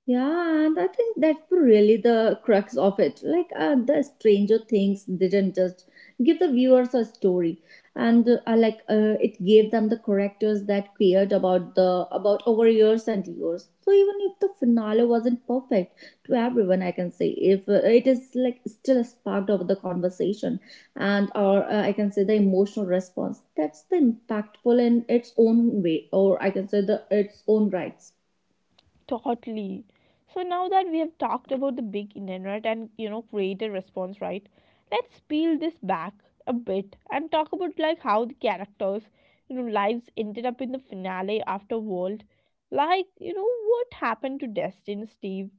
Speaker 2: Yeah, and I think that's really the crux of it. Like, uh, the Stranger Things didn't just give the viewers a story, and uh, uh, like uh, it gave them the characters that cared about the about over years and years. So even if the finale wasn't perfect to everyone, I can say if uh, it is like still a spark of the conversation, and or uh, I can say the emotional response. That's the impactful in its own way, or I can say the its own rights.
Speaker 1: Totally. So now that we have talked about the big internet and you know created response, right? Let's peel this back a bit and talk about like how the characters, you know, lives ended up in the finale after World. Like, you know, what happened to Destin, Steve,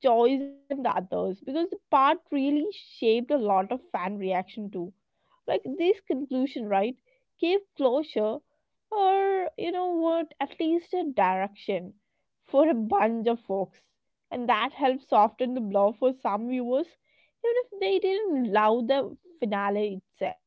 Speaker 1: Joyce and the others? Because the part really shaped a lot of fan reaction too. Like this conclusion, right, gave closure or you know what at least a direction for a bunch of folks, and that helped soften the blow for some viewers, even if they didn't love the finale itself.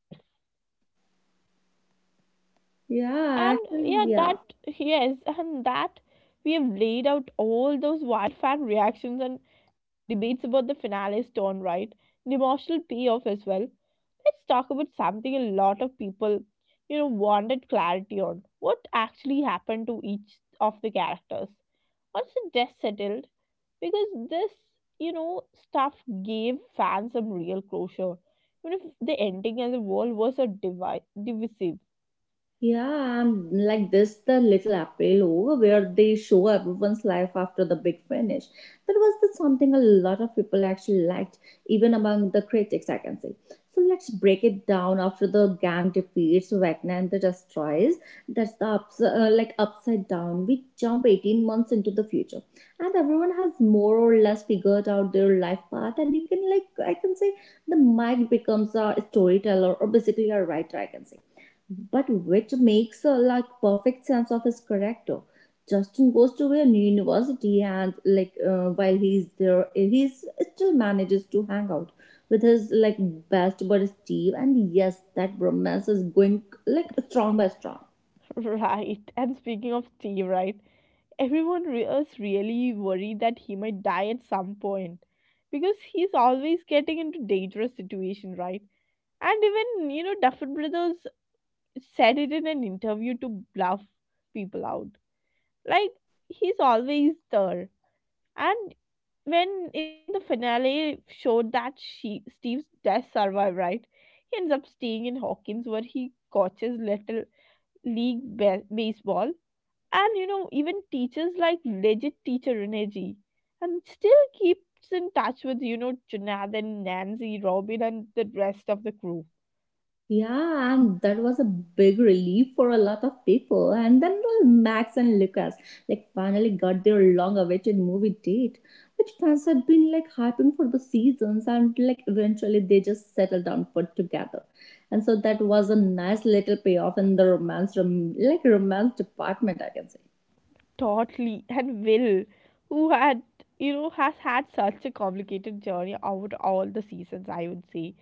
Speaker 2: Yeah,
Speaker 1: And yeah,
Speaker 2: actually,
Speaker 1: that,
Speaker 2: yeah.
Speaker 1: yes, and that we have laid out all those wild fan reactions and debates about the finale's tone, right, the emotional payoff as well. Let's talk about something a lot of people, you know, wanted clarity on. What actually happened to each of the characters? Once the death settled, because this, you know, stuff gave fans some real closure. Even if the ending and the world was a divi- divisive.
Speaker 2: Yeah, I'm like this the little April over where they show everyone's life after the big finish. That was the something a lot of people actually liked, even among the critics, I can say. So let's break it down after the gang defeats Wagner and the Destroyers. That's the ups- uh, like upside down. We jump eighteen months into the future, and everyone has more or less figured out their life path. And you can like I can say the Mike becomes a storyteller or basically a writer. I can say but which makes a like perfect sense of his character. Justin goes to a new university and like uh, while he's there, he's still manages to hang out with his like best buddy Steve. And yes, that romance is going like strong by strong.
Speaker 1: Right? And speaking of Steve, right? Everyone re- is really worried that he might die at some point, because he's always getting into dangerous situation, right? And even, you know, Duffer Brothers said it in an interview to bluff people out. Like, he's always there. And when in the finale showed that she, Steve's death survived, right? He ends up staying in Hawkins where he coaches little league ba- baseball. And, you know, even teachers like legit teacher Renegi. And still keeps in touch with, you know, Jonathan, Nancy, Robin, and the rest of the crew.
Speaker 2: Yeah, and that was a big relief for a lot of people. And then well, Max and Lucas like finally got their long-awaited movie date, which fans had been like hyping for the seasons, and like eventually they just settled down for together. And so that was a nice little payoff in the romance, rom- like romance department, I can say.
Speaker 1: Totally. And Will, who had, you know, has had such a complicated journey over all the seasons, I would say,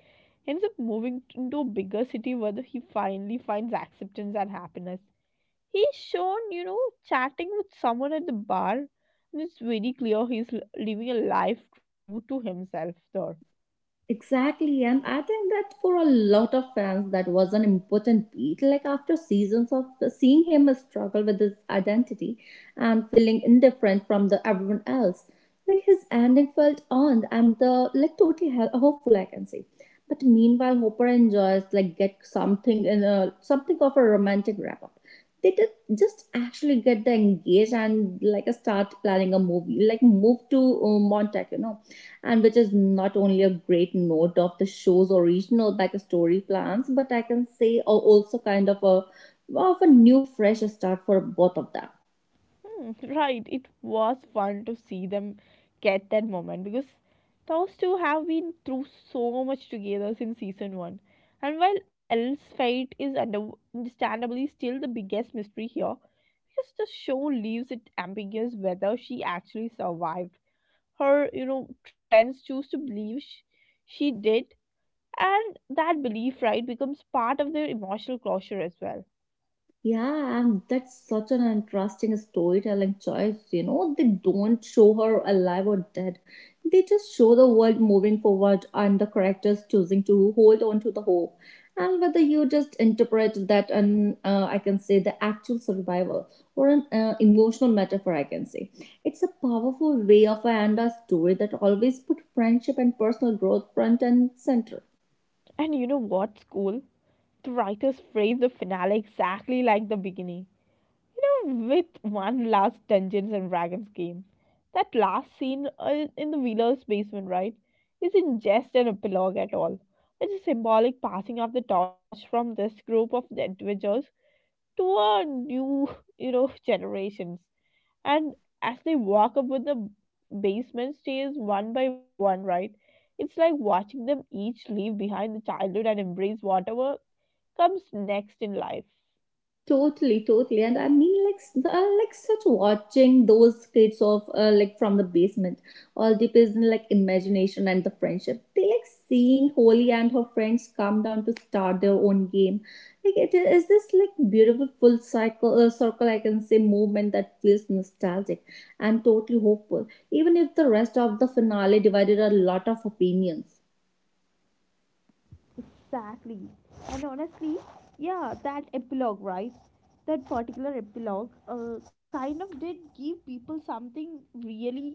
Speaker 1: ends up moving into a bigger city where he finally finds acceptance and happiness. He's shown, you know, chatting with someone at the bar, and it's very clear he's l- living a life true to himself there.
Speaker 2: Exactly, and I think that for a lot of fans, that was an important beat. Like after seasons of seeing him struggle with his identity and feeling indifferent from the everyone else, like his ending felt earned and the like totally hel- hopeful, I can say. But meanwhile, Hopper enjoys like get something in a something of a romantic wrap up. They did just actually get the engaged and like start planning a movie, like move to uh, Montauk, you know, and which is not only a great note of the show's original backstory plans, but I can say also kind of a of a new fresh start for both of them.
Speaker 1: Hmm. Right, it was fun to see them get that moment because those two have been through so much together since season one. And while Elle's fate is under- understandably still the biggest mystery here, because the show leaves it ambiguous whether she actually survived. Her, you know, friends choose to believe sh- she did, and that belief, right, becomes part of their emotional closure as well.
Speaker 2: Yeah, and that's such an interesting storytelling choice. You know, they don't show her alive or dead. They just show the world moving forward and the characters choosing to hold on to the hope. And whether you just interpret that and uh, I can say the actual survival or an uh, emotional metaphor, I can say. It's a powerful way of an a story that always put friendship and personal growth front and center.
Speaker 1: And you know what's cool? The writers framed the finale exactly like the beginning. You know, with one last Dungeons and Dragons game. That last scene uh, in the Wheeler's basement, right, isn't just an epilogue at all. It's a symbolic passing of the torch from this group of adventurers to a new, you know, generations, and as they walk up with the basement stairs one by one, right, it's like watching them each leave behind the childhood and embrace whatever comes next in life.
Speaker 2: Totally, totally, and I mean, like, s- the- uh, like such watching those kids of uh, like from the basement, all depends on like imagination and the friendship. They like seeing Holly and her friends come down to start their own game. Like it is this like beautiful full cycle uh, circle I can say movement that feels nostalgic and totally hopeful, even if the rest of the finale divided a lot of opinions.
Speaker 1: Exactly. And honestly, yeah, that epilogue, right? That particular epilogue uh, kind of did give people something really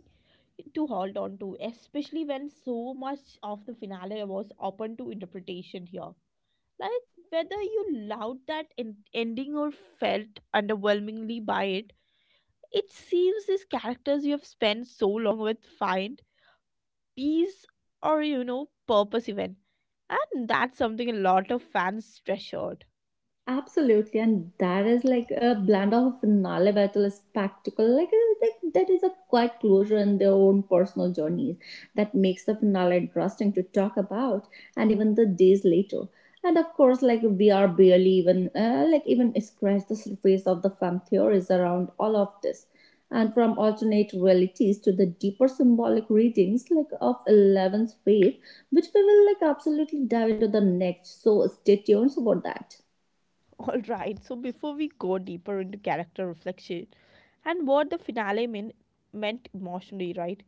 Speaker 1: to hold on to, especially when so much of the finale was open to interpretation here. Like, whether you loved that en- ending or felt underwhelmingly by it, it seems these characters you have spent so long with find peace or you know purpose even, and that's something a lot of fans treasured.
Speaker 2: Absolutely, and that is like a blend of knowledge a spectacle. Like uh, that, that is a quiet closure in their own personal journeys that makes the finale interesting to talk about, and even the days later. And of course, like we are barely even uh, like even scratch the surface of the fan theories around all of this, and from alternate realities to the deeper symbolic readings like of Eleven's faith, which we will like absolutely dive into the next. So stay tuned for that.
Speaker 1: All right, so before we go deeper into character reflection and what the finale mean, meant emotionally, right?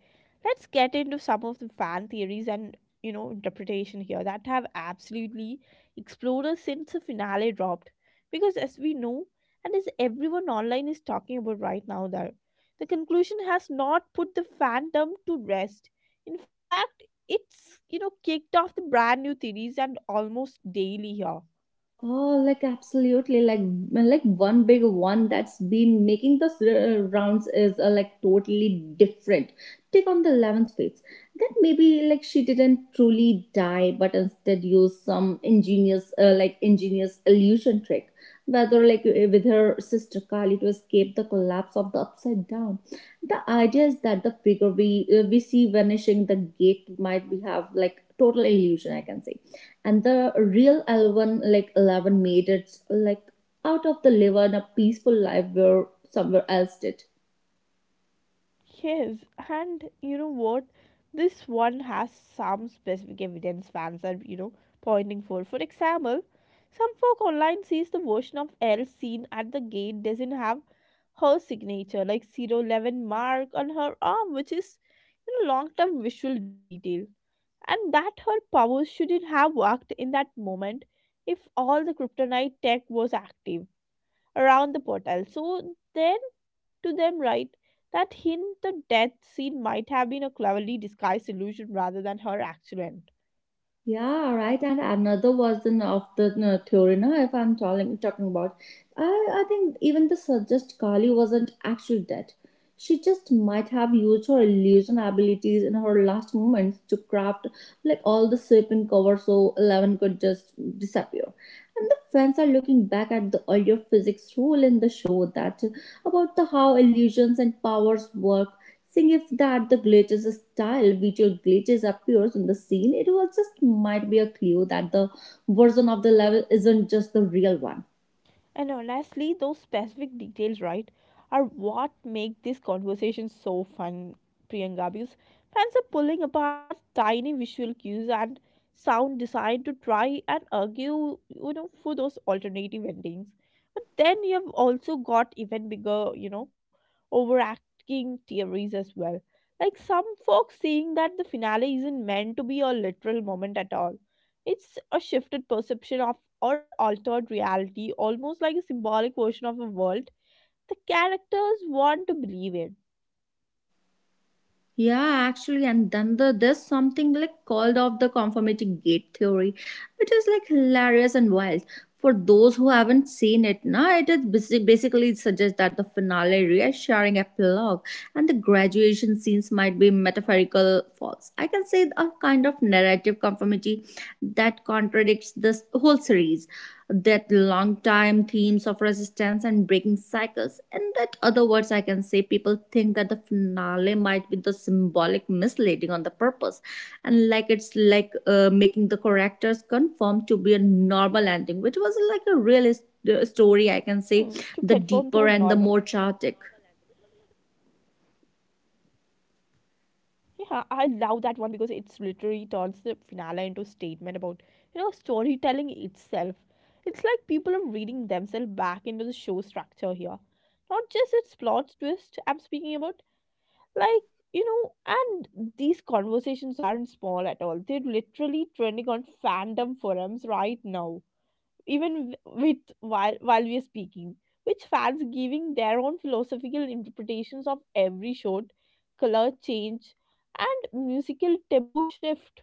Speaker 1: Let's get into some of the fan theories and you know interpretation here that have absolutely exploded since the finale dropped. Because as we know, and as everyone online is talking about right now, that the conclusion has not put the fandom to rest. In fact, it's you know kicked off the brand new theories and almost daily here.
Speaker 2: Oh, like absolutely, like like one big one that's been making the uh, rounds is uh, like totally different. Take on the eleven spades. That maybe like she didn't truly die, but instead used some ingenious uh, like ingenious illusion trick, whether like uh, with her sister Kali to escape the collapse of the upside down. The idea is that the figure we uh, we see vanishing the gate might be have like total illusion. I can say and the real Elven, like eleven made it like out of the live in a peaceful life where somewhere else did.
Speaker 1: Yes, and you know what? This one has some specific evidence fans are, you know, pointing for. For example, some folk online sees the version of L seen at the gate doesn't have her signature, like zero eleven mark on her arm, which is you know, long term visual detail. And that her powers shouldn't have worked in that moment if all the kryptonite tech was active around the portal. So then to them, right, that hint the death scene might have been a cleverly disguised illusion rather than her actual end.
Speaker 2: Yeah, right. And another version of the uh, theory, no, if I'm talking, talking about, I, I think even the suggest Kali wasn't actually dead. She just might have used her illusion abilities in her last moments to craft like all the sleeping cover so Eleven could just disappear. And the fans are looking back at the earlier physics rule in the show that about the how illusions and powers work suggests that the glitches style visual glitches appears on the scene. It was just might be a clue that the version of the level isn't just the real one.
Speaker 1: And honestly, those specific details, right, are what make this conversation so fun, Priyanka, because fans are pulling apart tiny visual cues and sound design to try and argue, you know, for those alternative endings. But then you have also got even bigger, you know, overacting theories as well. Like some folks saying that the finale isn't meant to be a literal moment at all. It's a shifted perception of or altered reality, almost like a symbolic version of a world the characters want to believe in.
Speaker 2: Yeah, actually, and then the there's something like called off the conformity gate theory, which is like hilarious and wild. For those who haven't seen it, now it is basi- basically it suggests that the finale reassuring epilogue and the graduation scenes might be metaphorical false. I can say a kind of narrative conformity that contradicts this whole series that long time themes of resistance and breaking cycles. And that other words, I can say people think that the finale might be the symbolic misleading on the purpose, and like it's like uh, making the characters conform to be a normal ending, which
Speaker 1: Hmm,
Speaker 2: was
Speaker 1: to
Speaker 2: like a
Speaker 1: conform
Speaker 2: real
Speaker 1: to a normal.
Speaker 2: story. I can say the deeper and the more chaotic.
Speaker 1: Yeah, I love that one because it's literally turns the finale into a statement about, you know, storytelling itself. It's like people are reading themselves back into the show structure here. Not just its plot twist, I'm speaking about like you know and these conversations aren't small at all, they're literally trending on fandom forums right now, even w- with while while we are speaking, which fans giving their own philosophical interpretations of every shot, color change, and musical tempo shift.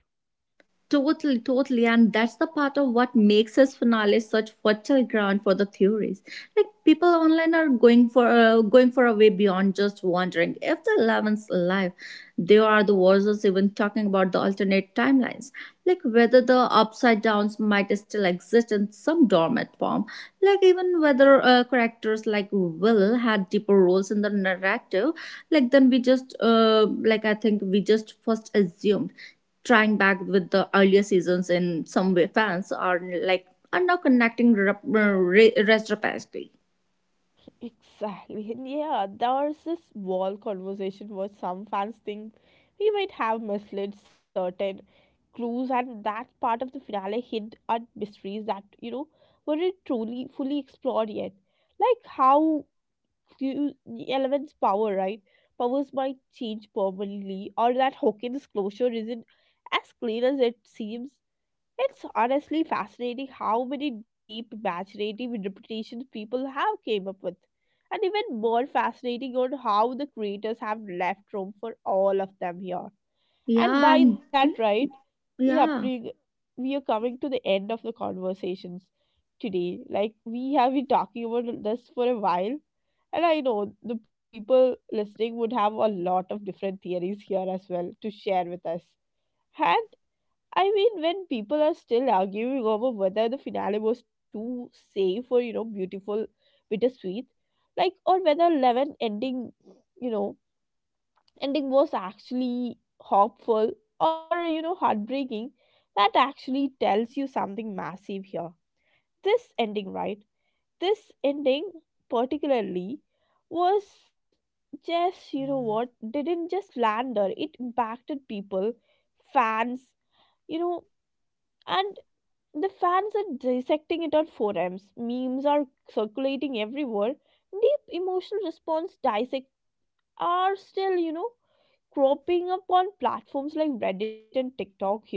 Speaker 2: Totally, totally. And that's the part of what makes his finale such fertile ground for the theories. Like people online are going for uh, going for a way beyond just wondering if the eleven's alive. They are the versus even talking about the alternate timelines, like whether the upside downs might still exist in some dormant form, like even whether uh, characters like Will had deeper roles in the narrative, like then we just uh, like I think we just first assumed trying back with the earlier seasons in some way fans are like are now connecting rep- uh, re- retrospectively.
Speaker 1: Exactly. And yeah, there's this wall conversation where some fans think we might have misled certain clues, and that part of the finale hid at mysteries that, you know, weren't truly fully explored yet. Like how you, the elements power, right? Powers might change permanently, or that Hawkins' closure isn't as clear as it seems. It's honestly fascinating how many deep imaginative interpretations people have came up with. And even more fascinating on how the creators have left room for all of them here. And
Speaker 2: Yeah,
Speaker 1: by
Speaker 2: and
Speaker 1: that,
Speaker 2: be-
Speaker 1: right, yeah,
Speaker 2: yeah.
Speaker 1: pre- we are coming to the end of the conversations today. Like, we have been talking about this for a while. And I know the people listening would have a lot of different theories here as well to share with us. And I mean, when people are still arguing over whether the finale was too safe or, you know, beautiful, bittersweet, like, or whether eleven ending, you know, ending was actually hopeful or, you know, heartbreaking, that actually tells you something massive here. This ending, right? This ending, particularly, was just, you know what, didn't just land her, it impacted people, fans, you know, and the fans are dissecting it on forums. Memes are circulating everywhere. Deep emotional response dissect are still, you know, cropping up on platforms like Reddit and TikTok here.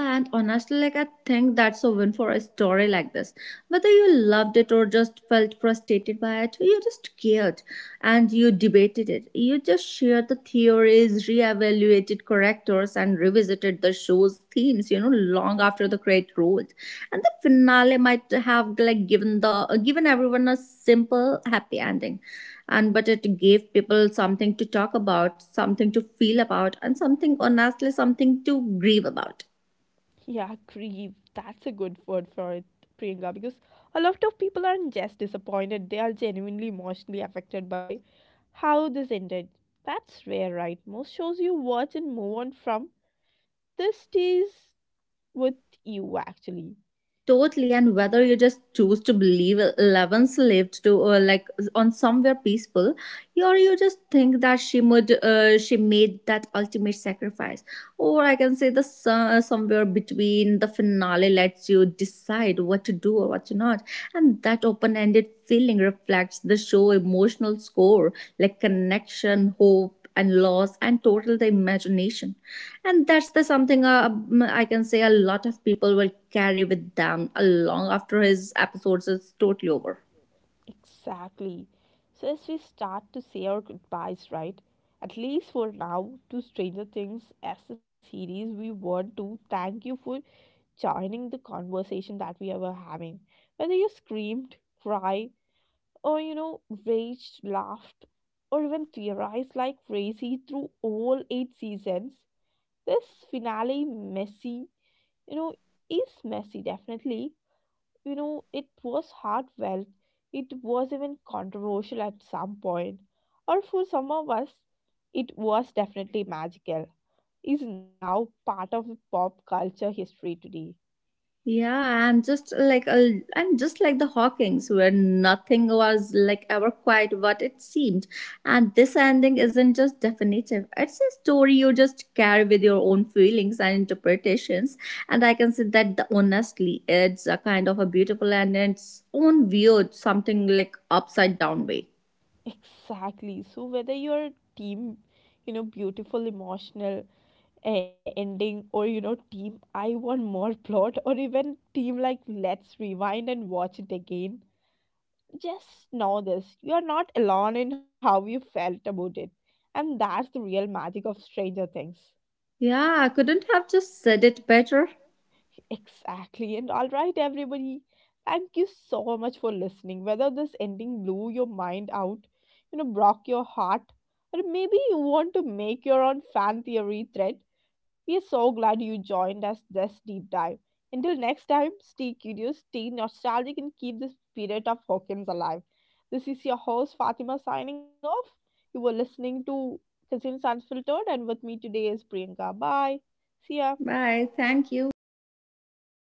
Speaker 1: Yeah,
Speaker 2: and
Speaker 1: and
Speaker 2: honestly, like
Speaker 1: honestly,
Speaker 2: I
Speaker 1: like I
Speaker 2: think
Speaker 1: think
Speaker 2: that's a
Speaker 1: that's
Speaker 2: win
Speaker 1: a
Speaker 2: for
Speaker 1: win
Speaker 2: a
Speaker 1: for a
Speaker 2: story
Speaker 1: story
Speaker 2: like this.
Speaker 1: like this.
Speaker 2: Whether you
Speaker 1: Whether you
Speaker 2: loved it
Speaker 1: loved
Speaker 2: or
Speaker 1: it or
Speaker 2: just
Speaker 1: just
Speaker 2: felt
Speaker 1: felt.
Speaker 2: frustrated by it, you just cared and you debated it. You just shared the theories, reevaluated characters, and revisited the show's themes, you know, long after the credit rolled. And the finale might have like given the uh, given everyone a simple, happy ending. And but it gave people something to talk about, something to feel about, and something honestly, something to grieve about.
Speaker 1: Yeah, grieve. That's a good word for it, Priyanka, because a lot of people aren't just disappointed, they are genuinely emotionally affected by how this ended. That's rare, right? Most shows you watch and move on from, this stays with you actually.
Speaker 2: Totally, and whether you just choose to believe Eleven's lived to uh, like on somewhere peaceful, or you just think that she would uh, she made that ultimate sacrifice, or I can say the so- somewhere between the finale lets you decide what to do or what to not, and that open ended feeling reflects the show emotional score like connection, hope, death and loss and total the imagination and that's the something uh, um, I can say a lot of people will carry with them along after his episodes is totally over.
Speaker 1: Exactly. So, as we start to say our goodbyes, right? At least for now, to Stranger Things as a series, we want to thank you for joining the conversation that we were having. Whether you screamed, cried, or you know, raged, laughed, or even theorized like crazy through all eight seasons, this finale messy, you know, is messy definitely. You know, it was heartfelt, it was even controversial at some point, or for some of us, it was definitely magical. Is now part of pop culture history today.
Speaker 2: Yeah, and just like a, and just like the Hawkings, where nothing was like ever quite what it seemed, and this ending isn't just definitive. It's a story you just carry with your own feelings and interpretations, and I can say that the, honestly, it's a kind of a beautiful and its own weird, something like upside down way.
Speaker 1: Exactly. So whether your team, you know, beautiful, emotional uh, ending, or you know, team, I want more plot, or even team like let's rewind and watch it again. Just know this: you are not alone in how you felt about it, and that's the real magic of Stranger Things.
Speaker 2: Yeah, I couldn't have just said it better.
Speaker 1: Exactly. And all right, everybody, thank you so much for listening. Whether this ending blew your mind out, you know, broke your heart, or maybe you want to make your own fan theory thread, we are so glad you joined us this deep dive. Until next time, stay curious, stay nostalgic, and keep the spirit of Hawkins alive. This is your host, Fatima, signing off. You were listening to Cousins Unfiltered, and with me today is Priyanka. Bye. See ya.
Speaker 2: Bye. Thank you.